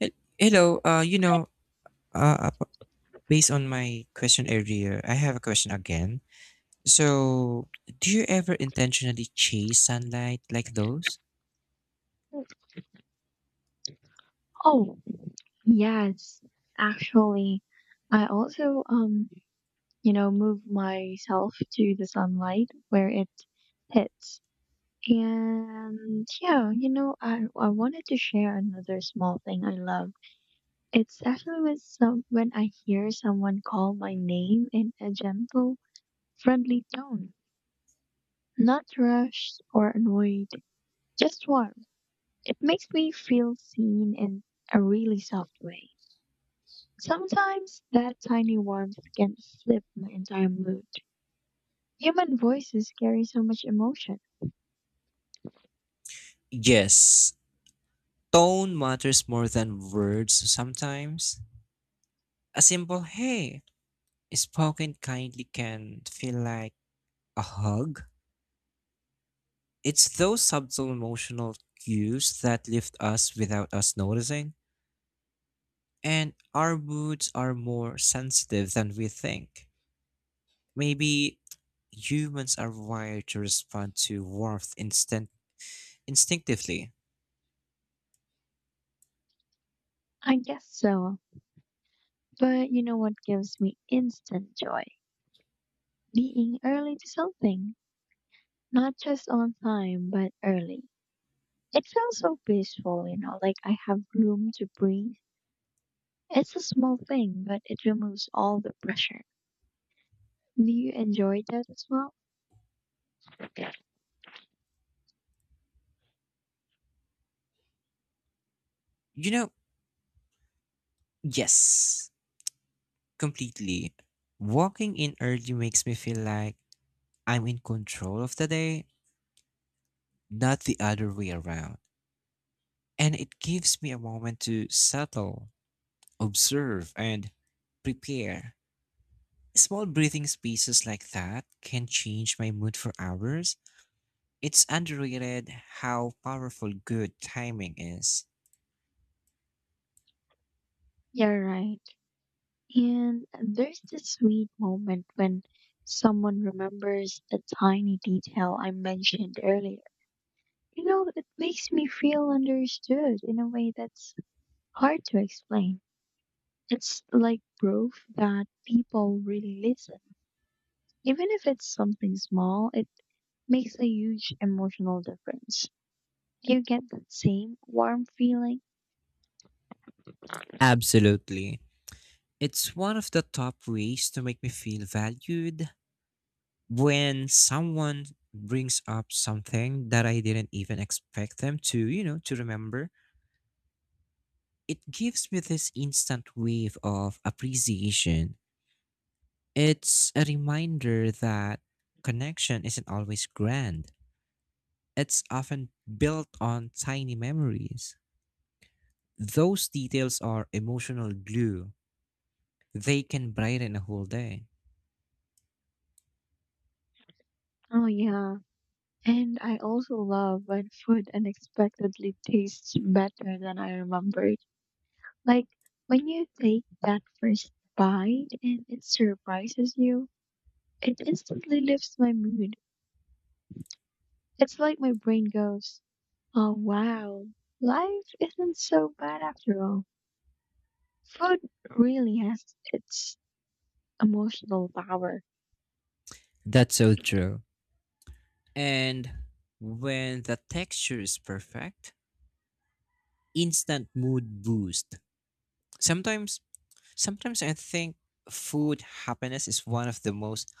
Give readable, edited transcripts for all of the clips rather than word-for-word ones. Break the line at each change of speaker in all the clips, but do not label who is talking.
Hel- Hello, uh, you know, uh, uh, Based on my question earlier, I have a question again. So, do you ever intentionally chase sunlight like those?
Oh, yes. Actually, I also move myself to the sunlight where it hits. And yeah, I wanted to share another small thing I love. It's actually with some when I hear someone call my name in a gentle, friendly tone, not rushed or annoyed, just warm. It makes me feel seen in a really soft way. Sometimes that tiny warmth can flip my entire mood. Human voices carry so much emotion.
Yes, tone matters more than words sometimes. A simple hey spoken kindly can feel like a hug. It's those subtle emotional cues that lift us without us noticing, and our moods are more sensitive than we think. Maybe humans are wired to respond to warmth instant instinctively.
I guess so. But you know what gives me instant joy? Being early to something. Not just on time, but early. It feels so peaceful, you know, like I have room to breathe. It's a small thing, but it removes all the pressure. Do you enjoy that as well?
You know, yes, completely. Walking in early makes me feel like I'm in control of the day, not the other way around. And it gives me a moment to settle, observe, and prepare. Small breathing spaces like that can change my mood for hours. It's underrated how powerful good timing is.
Yeah, right. And there's this sweet moment when someone remembers the tiny detail I mentioned earlier. You know, it makes me feel understood in a way that's hard to explain. It's like proof that people really listen. Even if it's something small, it makes a huge emotional difference. You get that same warm feeling.
Absolutely. It's one of the top ways to make me feel valued when someone brings up something that I didn't even expect them to to remember. It gives me this instant wave of appreciation. It's a reminder that connection isn't always grand. It's often built on tiny memories. Those details are emotional glue. They can brighten a whole day.
Oh, yeah. And I also love when food unexpectedly tastes better than I remembered. Like when you take that first bite and it surprises you, it instantly lifts my mood. It's like my brain goes, oh wow, life isn't so bad after all. Food really has its emotional power.
That's so true. And when the texture is perfect, instant mood boost. Sometimes sometimes I think food happiness is one of the most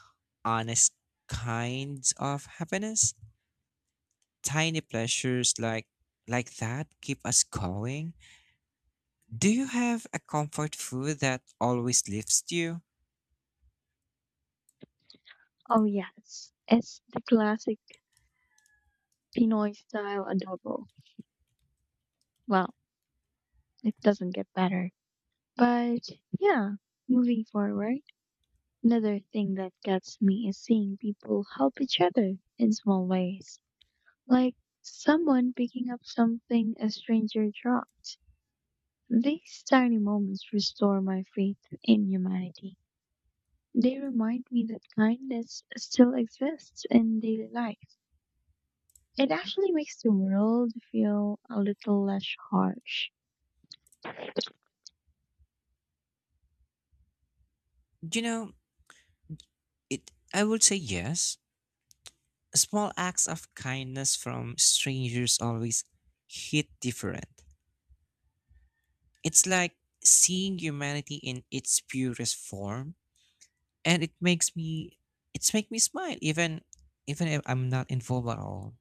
honest kinds of happiness. Tiny pleasures like that keep us going. Do you have a comfort food that always lifts you?
Oh yes, it's the classic Pinoy style adobo. Well, it doesn't get better. But yeah, moving forward, another thing that gets me is seeing people help each other in small ways. Like someone picking up something a stranger dropped. These tiny moments restore my faith in humanity. They remind me that kindness still exists in daily life. It actually makes the world feel a little less harsh.
You know, it I would say yes. Small acts of kindness from strangers always hit different. It's like seeing humanity in its purest form, and it makes me it's make me smile even if I'm not involved at all.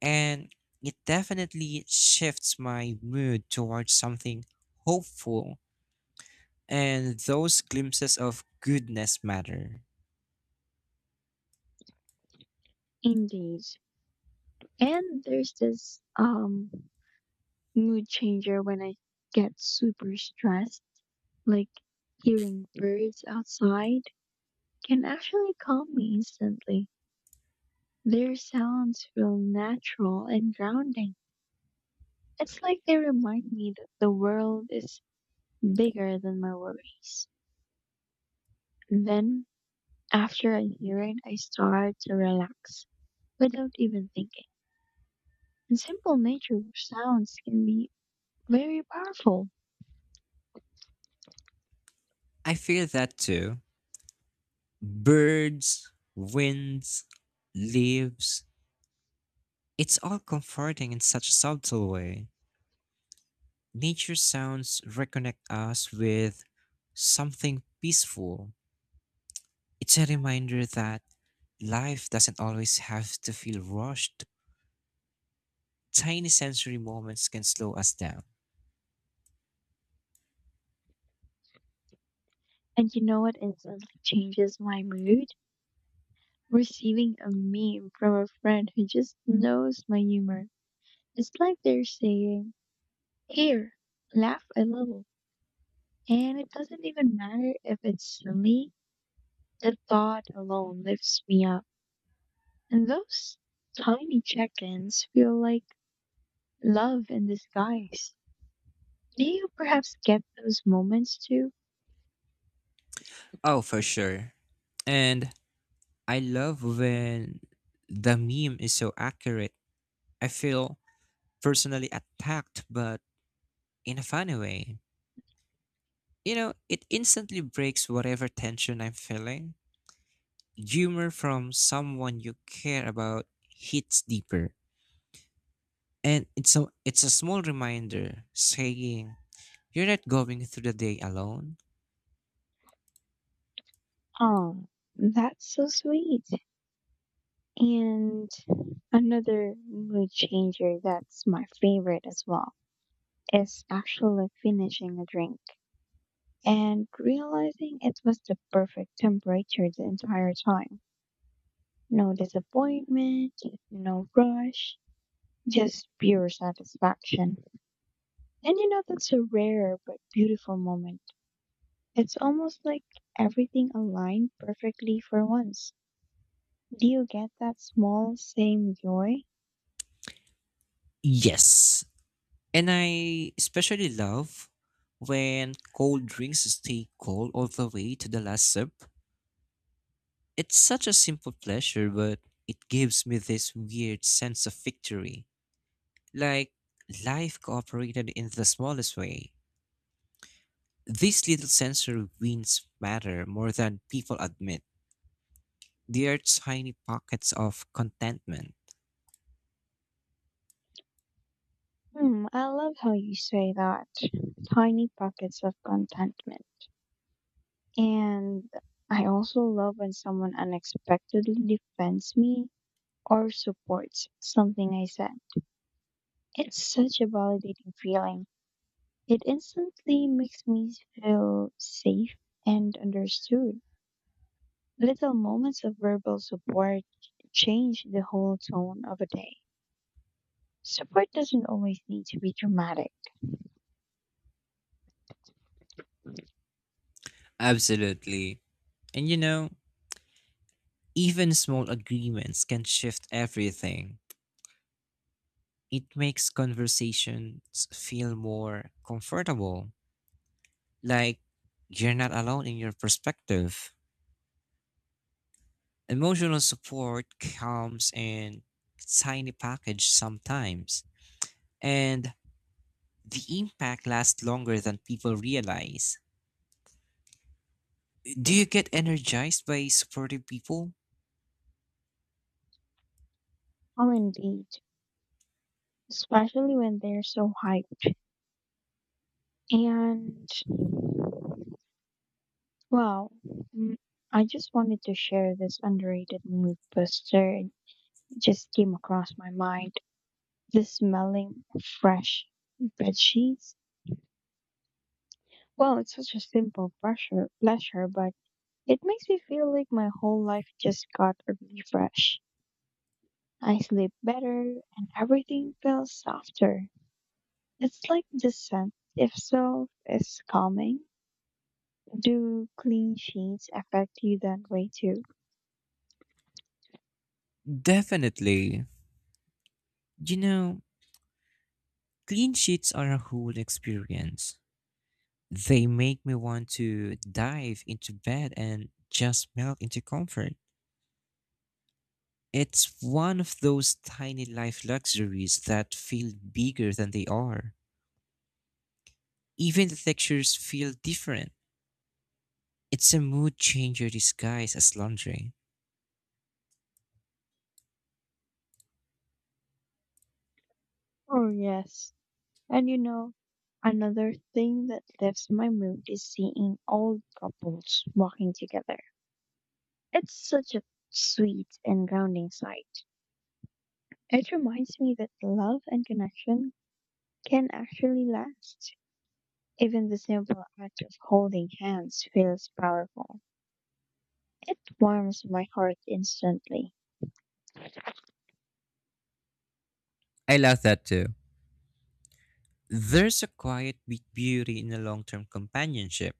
And it definitely shifts my mood towards something hopeful, and those glimpses of goodness matter.
Indeed. And there's this mood changer when I get super stressed. Like hearing birds outside can actually calm me instantly. Their sounds feel natural and grounding. It's like they remind me that the world is bigger than my worries. Then, after I hear it, I start to relax without even thinking. And simple nature sounds can be very powerful.
I feel that too. Birds, winds, leaves, it's all comforting in such a subtle way. Nature sounds reconnect us with something peaceful. It's a reminder that life doesn't always have to feel rushed. Tiny sensory moments can slow us down.
And you know what instantly changes my mood? Receiving a meme from a friend who just knows my humor. It's like they're saying, here, laugh a little. And it doesn't even matter if it's silly, the thought alone lifts me up. And those tiny check ins feel like love in disguise. Do you perhaps get those moments too?
Oh, for sure. And I love when the meme is so accurate. I feel personally attacked, but in a funny way. It instantly breaks whatever tension I'm feeling. Humor from someone you care about hits deeper. And it's a small reminder saying you're not going through the day alone.
Oh, that's so sweet. And another mood changer that's my favorite as well is actually finishing a drink and realizing it was the perfect temperature the entire time. No disappointment, no rush, just pure satisfaction. And you know, that's a rare but beautiful moment. It's almost like everything aligned perfectly for once. Do you get that small, same joy?
Yes. And I especially love when cold drinks stay cold all the way to the last sip. It's such a simple pleasure, but it gives me this weird sense of victory. Like life cooperated in the smallest way. These little sensory wins matter more than people admit. They are tiny pockets of contentment.
Hmm, I love how you say that. Tiny pockets of contentment. And I also love when someone unexpectedly defends me or supports something I said. It's such a validating feeling. It instantly makes me feel safe and understood. Little moments of verbal support change the whole tone of a day. Support doesn't always need to be dramatic.
Absolutely. And you know, Even small agreements can shift everything. It makes conversations feel more comfortable, like you're not alone in your perspective. Emotional support comes in tiny package sometimes, and the impact lasts longer than people realize. Do you get energized by supportive people?
Oh, indeed. Especially when they're so hyped. And well, mm, I just wanted to share this underrated mood booster. It just came across my mind. The smelling of fresh bed sheets. Well, it's such a simple pleasure, but it makes me feel like my whole life just got a refresh. I sleep better and everything feels softer. It's like the scent itself is calming. Do clean sheets affect you that way too?
Definitely. You know, Clean sheets are a whole experience. They make me want to dive into bed and just melt into comfort. It's one of those tiny life luxuries that feel bigger than they are. Even the textures feel different. It's a mood changer disguised as laundry.
Oh, yes. And you know, another thing that lifts my mood is seeing old couples walking together. It's such a sweet and grounding sight. It reminds me that love and connection can actually last. Even the simple act of holding hands feels powerful. It warms my heart instantly.
I love that too. There's a quiet beauty in a long term companionship.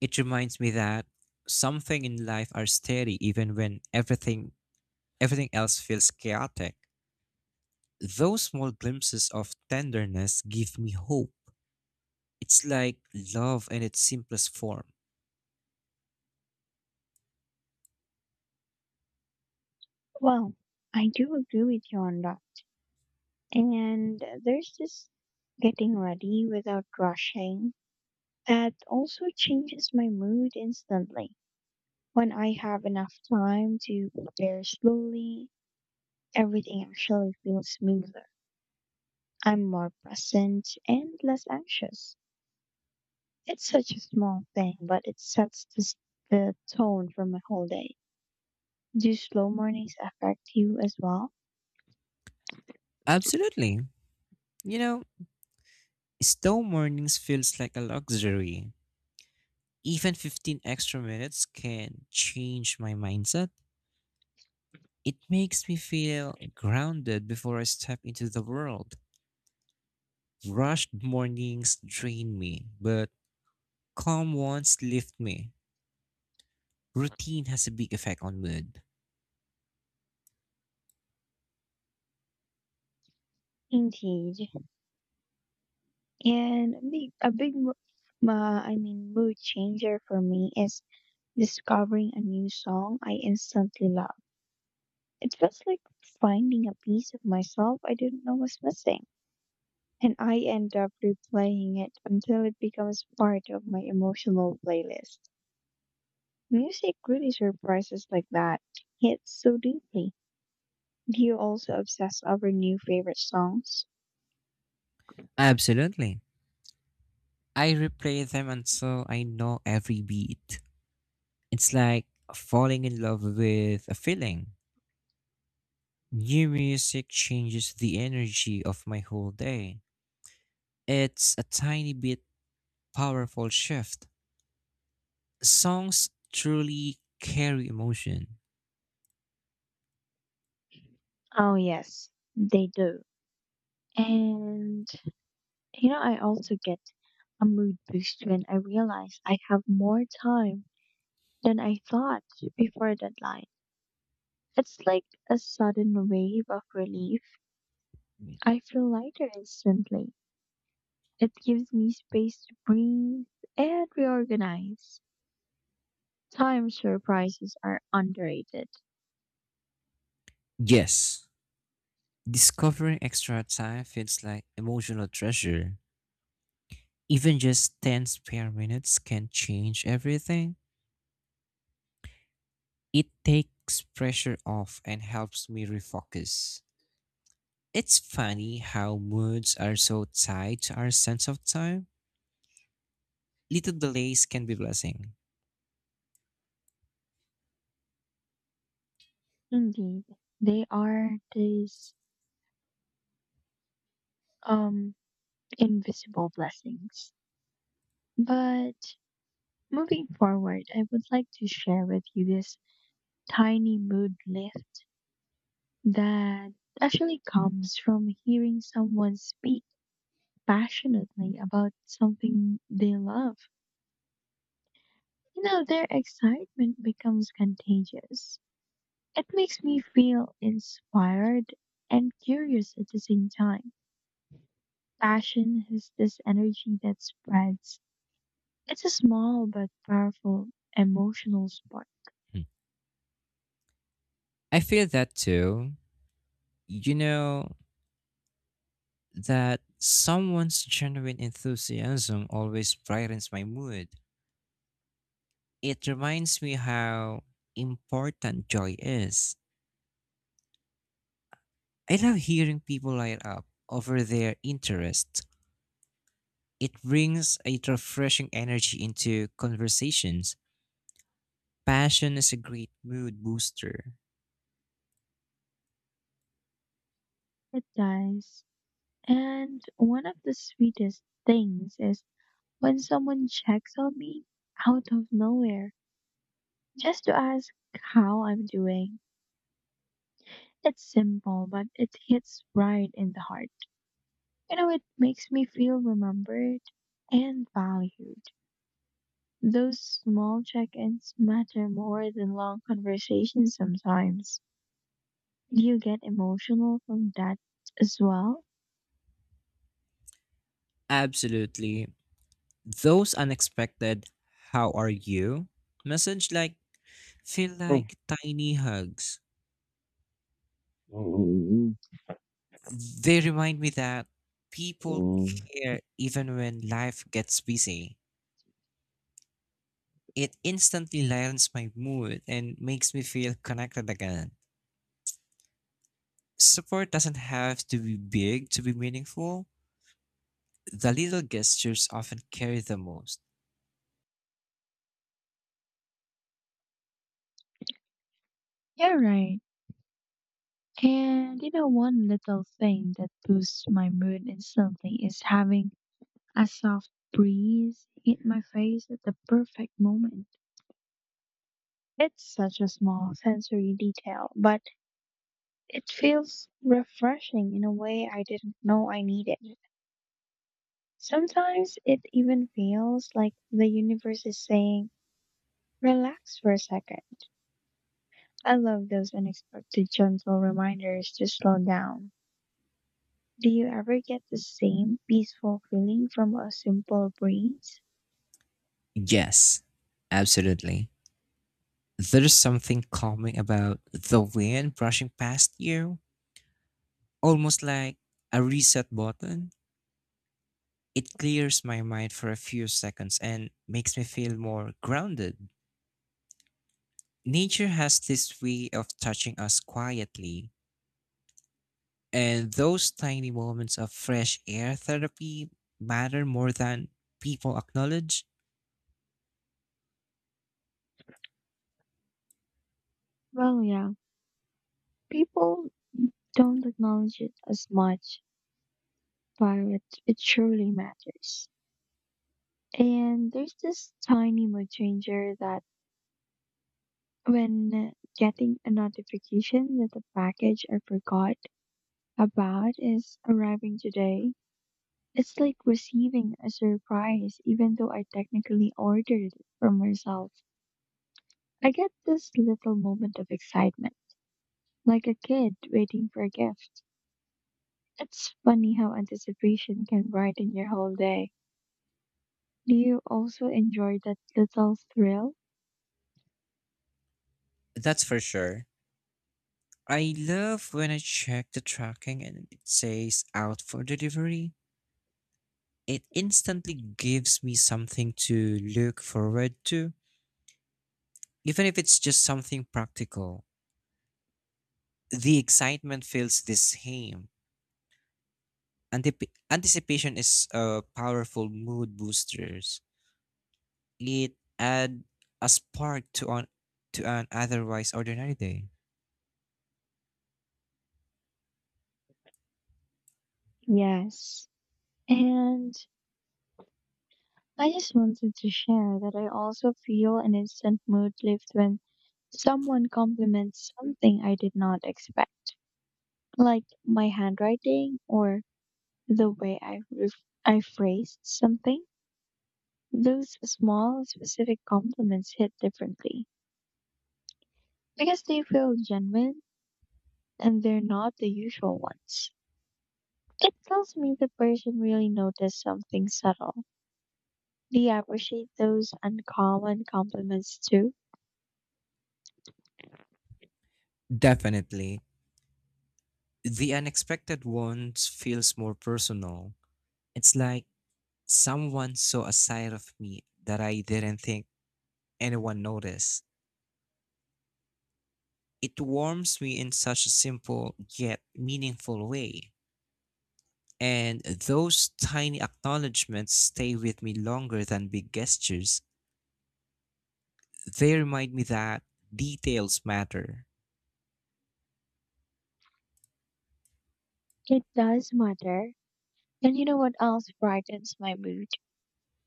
It reminds me that something in life are steady even when everything else feels chaotic. Those small glimpses of tenderness give me hope. It's like love in its simplest form.
Well, I do agree with you on that. And there's this getting ready without rushing that also changes my mood instantly. When I have enough time to prepare slowly, everything actually feels smoother. I'm more present and less anxious. It's such a small thing, but it sets the tone for my whole day. Do slow mornings affect you as well?
Absolutely. You know, Slow mornings feels like a luxury. Even 15 extra minutes can change my mindset. It makes me feel grounded before I step into the world. Rushed mornings drain me, but calm ones lift me. Routine has a big effect on mood.
Indeed. And a big mo- ma- I mean, mood changer for me is discovering a new song I instantly love. It feels like finding a piece of myself I didn't know was missing. And I end up replaying it until it becomes part of my emotional playlist. Music really surprises like that. Hits so deeply. Do you also obsess over new favorite songs?
Absolutely. I replay them until I know every beat. It's like falling in love with a feeling. New music changes the energy of my whole day. It's a tiny bit powerful shift. Songs truly carry emotion.
Oh, yes, they do. And, you know, I also get a mood boost when I realize I have more time than I thought before deadline. It's like a sudden wave of relief. I feel lighter instantly. It gives me space to breathe and reorganize. Time surprises are underrated.
Yes, discovering extra time feels like emotional treasure. Even just 10 spare minutes can change everything. It takes pressure off and helps me refocus. It's funny how moods are so tied to our sense of time. Little delays can be blessing.
Indeed, they are these um invisible blessings. But moving forward, I would like to share with you this tiny mood lift that actually comes from hearing someone speak passionately about something they love, you know, their excitement becomes contagious. It makes me feel inspired and curious at the same time. Passion has this energy that spreads. It's a small but powerful emotional spark.
Hmm. I feel that too. You know that someone's genuine enthusiasm always brightens my mood. It reminds me how important joy is. I love hearing people light up over their interest. It brings a refreshing energy into conversations. Passion is a great mood booster.
It does. And one of the sweetest things is when someone checks on me out of nowhere just to ask how I'm doing. It's simple, but it hits right in the heart. You know, it makes me feel remembered and valued. Those small check ins matter more than long conversations sometimes. Do you get emotional from that as well?
Absolutely. Those unexpected how are you message like feel like tiny hugs.
Mm,
They remind me that people
you're
care even when life gets busy. It instantly lightens my mood and makes me feel connected again. Support doesn't have to be big to be meaningful. The little gestures often carry the most.
right. And you know, one little thing that boosts my mood instantly is having a soft breeze hit my face at the perfect moment. It's such a small sensory detail, but it feels refreshing in a way I didn't know I needed. Sometimes it even feels like the universe is saying, relax for a second. I love those unexpected gentle reminders to slow down. Do you ever get the same peaceful feeling from a simple breeze?
Yes, absolutely. There's something calming about the wind brushing past you. Almost like a reset button. It clears my mind for a few seconds and makes me feel more grounded. Nature has this way of touching us quietly, and those tiny moments of fresh air therapy matter more than people acknowledge.
Well, yeah, people don't acknowledge it as much, but it surely matters. And there's this tiny mood changer that when getting a notification that the package I forgot about is arriving today, it's like receiving a surprise, even though I technically ordered it for myself. I get this little moment of excitement, like a kid waiting for a gift. It's funny how anticipation can brighten your whole day. Do you also enjoy that little thrill?
That's for sure. I love when I check the tracking and it says out for delivery. It instantly gives me something to look forward to, even if it's just something practical. The excitement feels the same. Anticipation is a powerful mood boosters. It add a spark to on to an otherwise ordinary day.
Yes. And I just wanted to share that I also feel an instant mood lift when someone compliments something I did not expect, like my handwriting or the way I phrased something. Those small, specific compliments hit differently because they feel genuine and they're not the usual ones. It tells me the person really noticed something subtle. Do you appreciate those uncommon compliments too?
Definitely, the unexpected ones feels more personal. It's like someone saw a side of me that I didn't think anyone noticed. It warms me in such a simple yet meaningful way. And those tiny acknowledgements stay with me longer than big gestures. They remind me that details matter.
It does matter. And you know what else brightens my mood?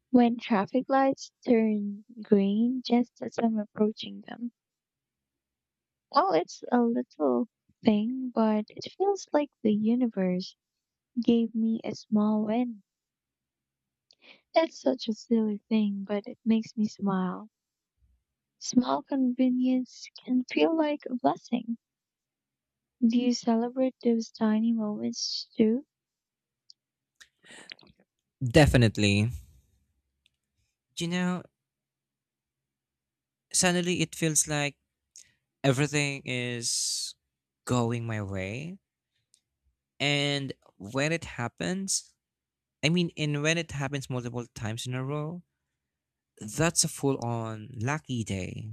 When traffic lights turn green just as I'm approaching them. Well, it's a little thing, but it feels like the universe gave me a small win. It's such a silly thing, but it makes me smile. Small convenience can feel like a blessing. Do you celebrate those tiny moments too?
Definitely. You know, Suddenly it feels like everything is going my way. And when it happens, I mean, and when it happens multiple times in a row, that's a full on lucky day.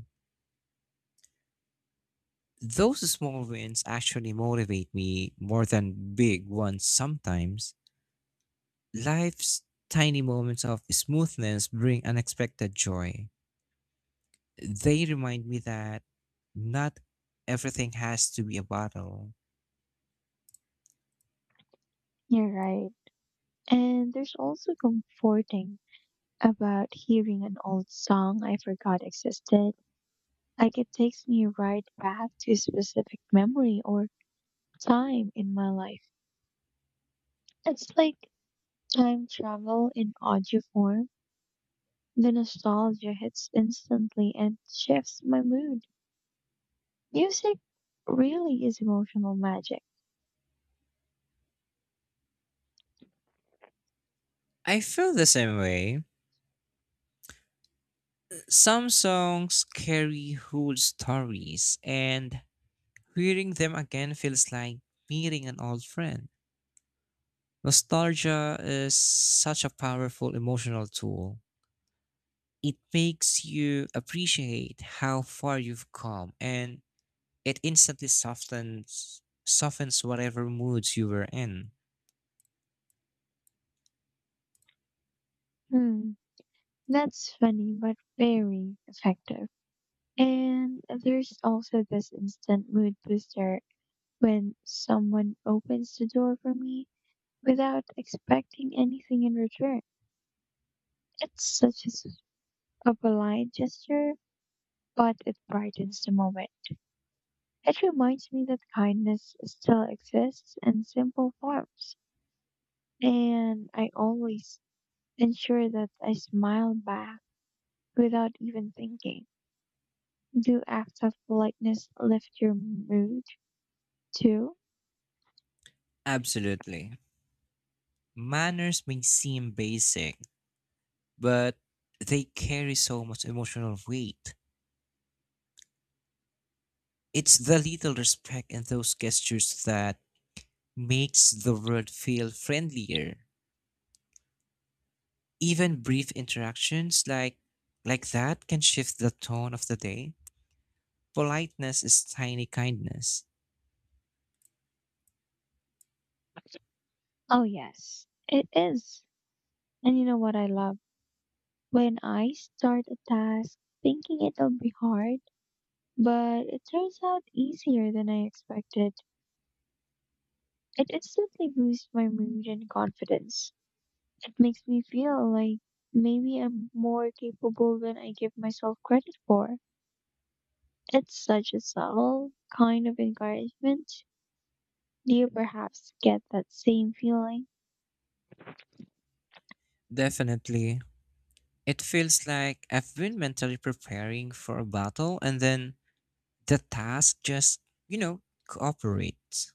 Those small wins actually motivate me more than big ones sometimes. Life's tiny moments of smoothness bring unexpected joy. They remind me that not everything has to be a battle.
You're right. And there's also comforting about hearing an old song I forgot existed. Like it takes me right back to a specific memory or time in my life. It's like time travel in audio form. The nostalgia hits instantly and shifts my mood. Music really is emotional magic.
I feel the same way. Some songs carry whole stories, and hearing them again feels like meeting an old friend. Nostalgia is such a powerful emotional tool. It makes you appreciate how far you've come, and it instantly softens whatever moods you were in.
Hmm, that's funny but very effective. And there's also this instant mood booster when someone opens the door for me without expecting anything in return. It's such a polite gesture, but it brightens the moment. It reminds me that kindness still exists in simple forms, and I always ensure that I smile back without even thinking. Do acts of politeness lift your mood too?
Absolutely. Manners may seem basic, but they carry so much emotional weight. It's the little respect and those gestures that makes the world feel friendlier. Even brief interactions like that can shift the tone of the day. Politeness is tiny kindness.
Oh, yes, it is. And you know what I love? When I start a task thinking it'll be hard, but it turns out easier than I expected. It instantly boosts my mood and confidence. It makes me feel like maybe I'm more capable than I give myself credit for. It's such a subtle kind of encouragement. Do you perhaps get that same feeling?
Definitely. It feels like I've been mentally preparing for a battle and then the task just, you know, cooperates.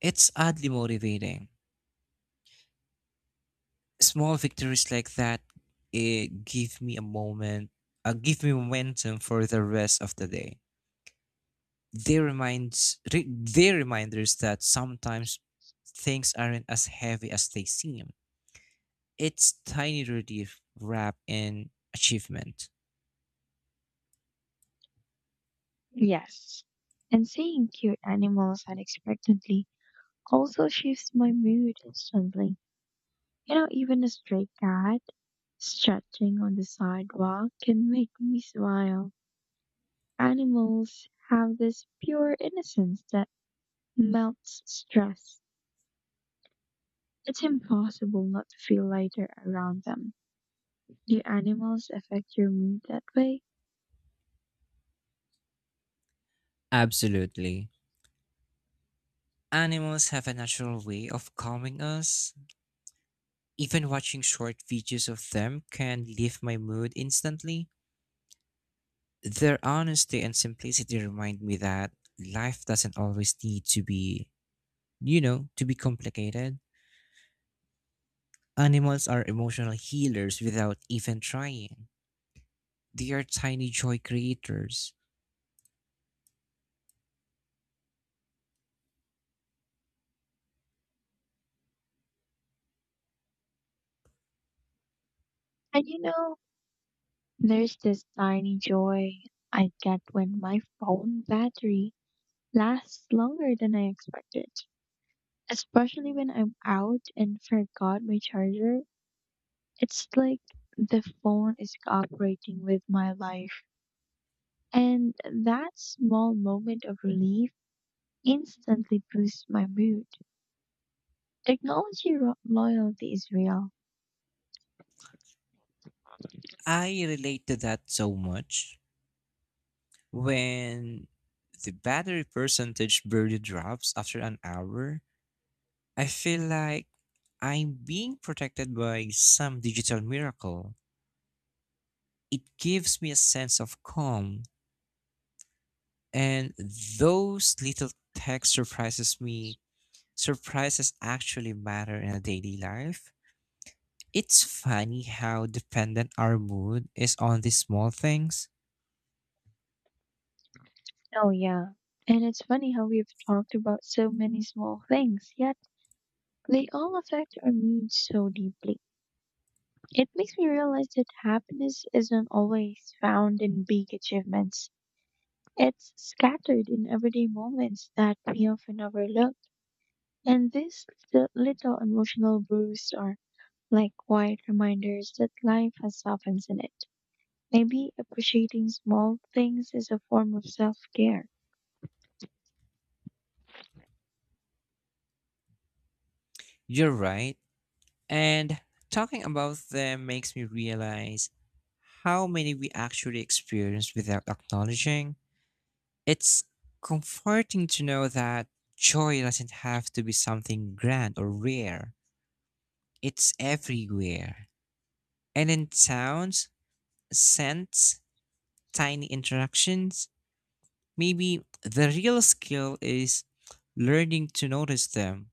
It's oddly motivating. Small victories like that it give me a moment, give me momentum for the rest of the day. They reminders that sometimes things aren't as heavy as they seem. It's tiny relief wrapped in achievement.
Yes. And seeing cute animals unexpectedly also shifts my mood instantly. You know, even a stray cat stretching on the sidewalk can make me smile. Animals have this pure innocence that melts stress. It's impossible not to feel lighter around them. Do animals affect your mood that way?
Absolutely. Animals have a natural way of calming us. Even watching short videos of them can lift my mood instantly. Their honesty and simplicity remind me that life doesn't always need to, be, you know, to be complicated. Animals are emotional healers without even trying. They are tiny joy creators.
And you know, there's this tiny joy I get when my phone battery lasts longer than I expected, especially when I'm out and forgot my charger. It's like the phone is cooperating with my life. And that small moment of relief instantly boosts my mood. Loyalty is real.
I relate to that so much. When the battery percentage barely drops after an hour, I feel like I'm being protected by some digital miracle. It gives me a sense of calm, and those little tech surprises me. Surprises actually matter in a daily life. It's funny how dependent our mood is on these small things.
Oh, yeah. And it's funny how we've talked about so many small things, yet they all affect our mood so deeply. It makes me realize that happiness isn't always found in big achievements. It's scattered in everyday moments that we often overlook. And these little emotional boosts are like quiet reminders that life has softens in it. Maybe appreciating small things is a form of self care.
You're right. And talking about them makes me realize how many we actually experience without acknowledging. It's comforting to know that joy doesn't have to be something grand or rare. It's everywhere. And in sounds, scents, tiny interactions, maybe the real skill is learning to notice them.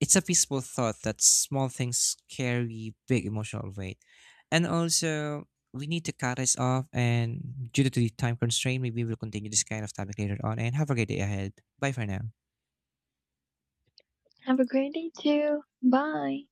It's a peaceful thought that small things carry big emotional weight. And also, we need to cut this off. And due to the time constraint, maybe we'll continue this kind of topic later on. And have a great day ahead. Bye for now.
Have a great day too. Bye.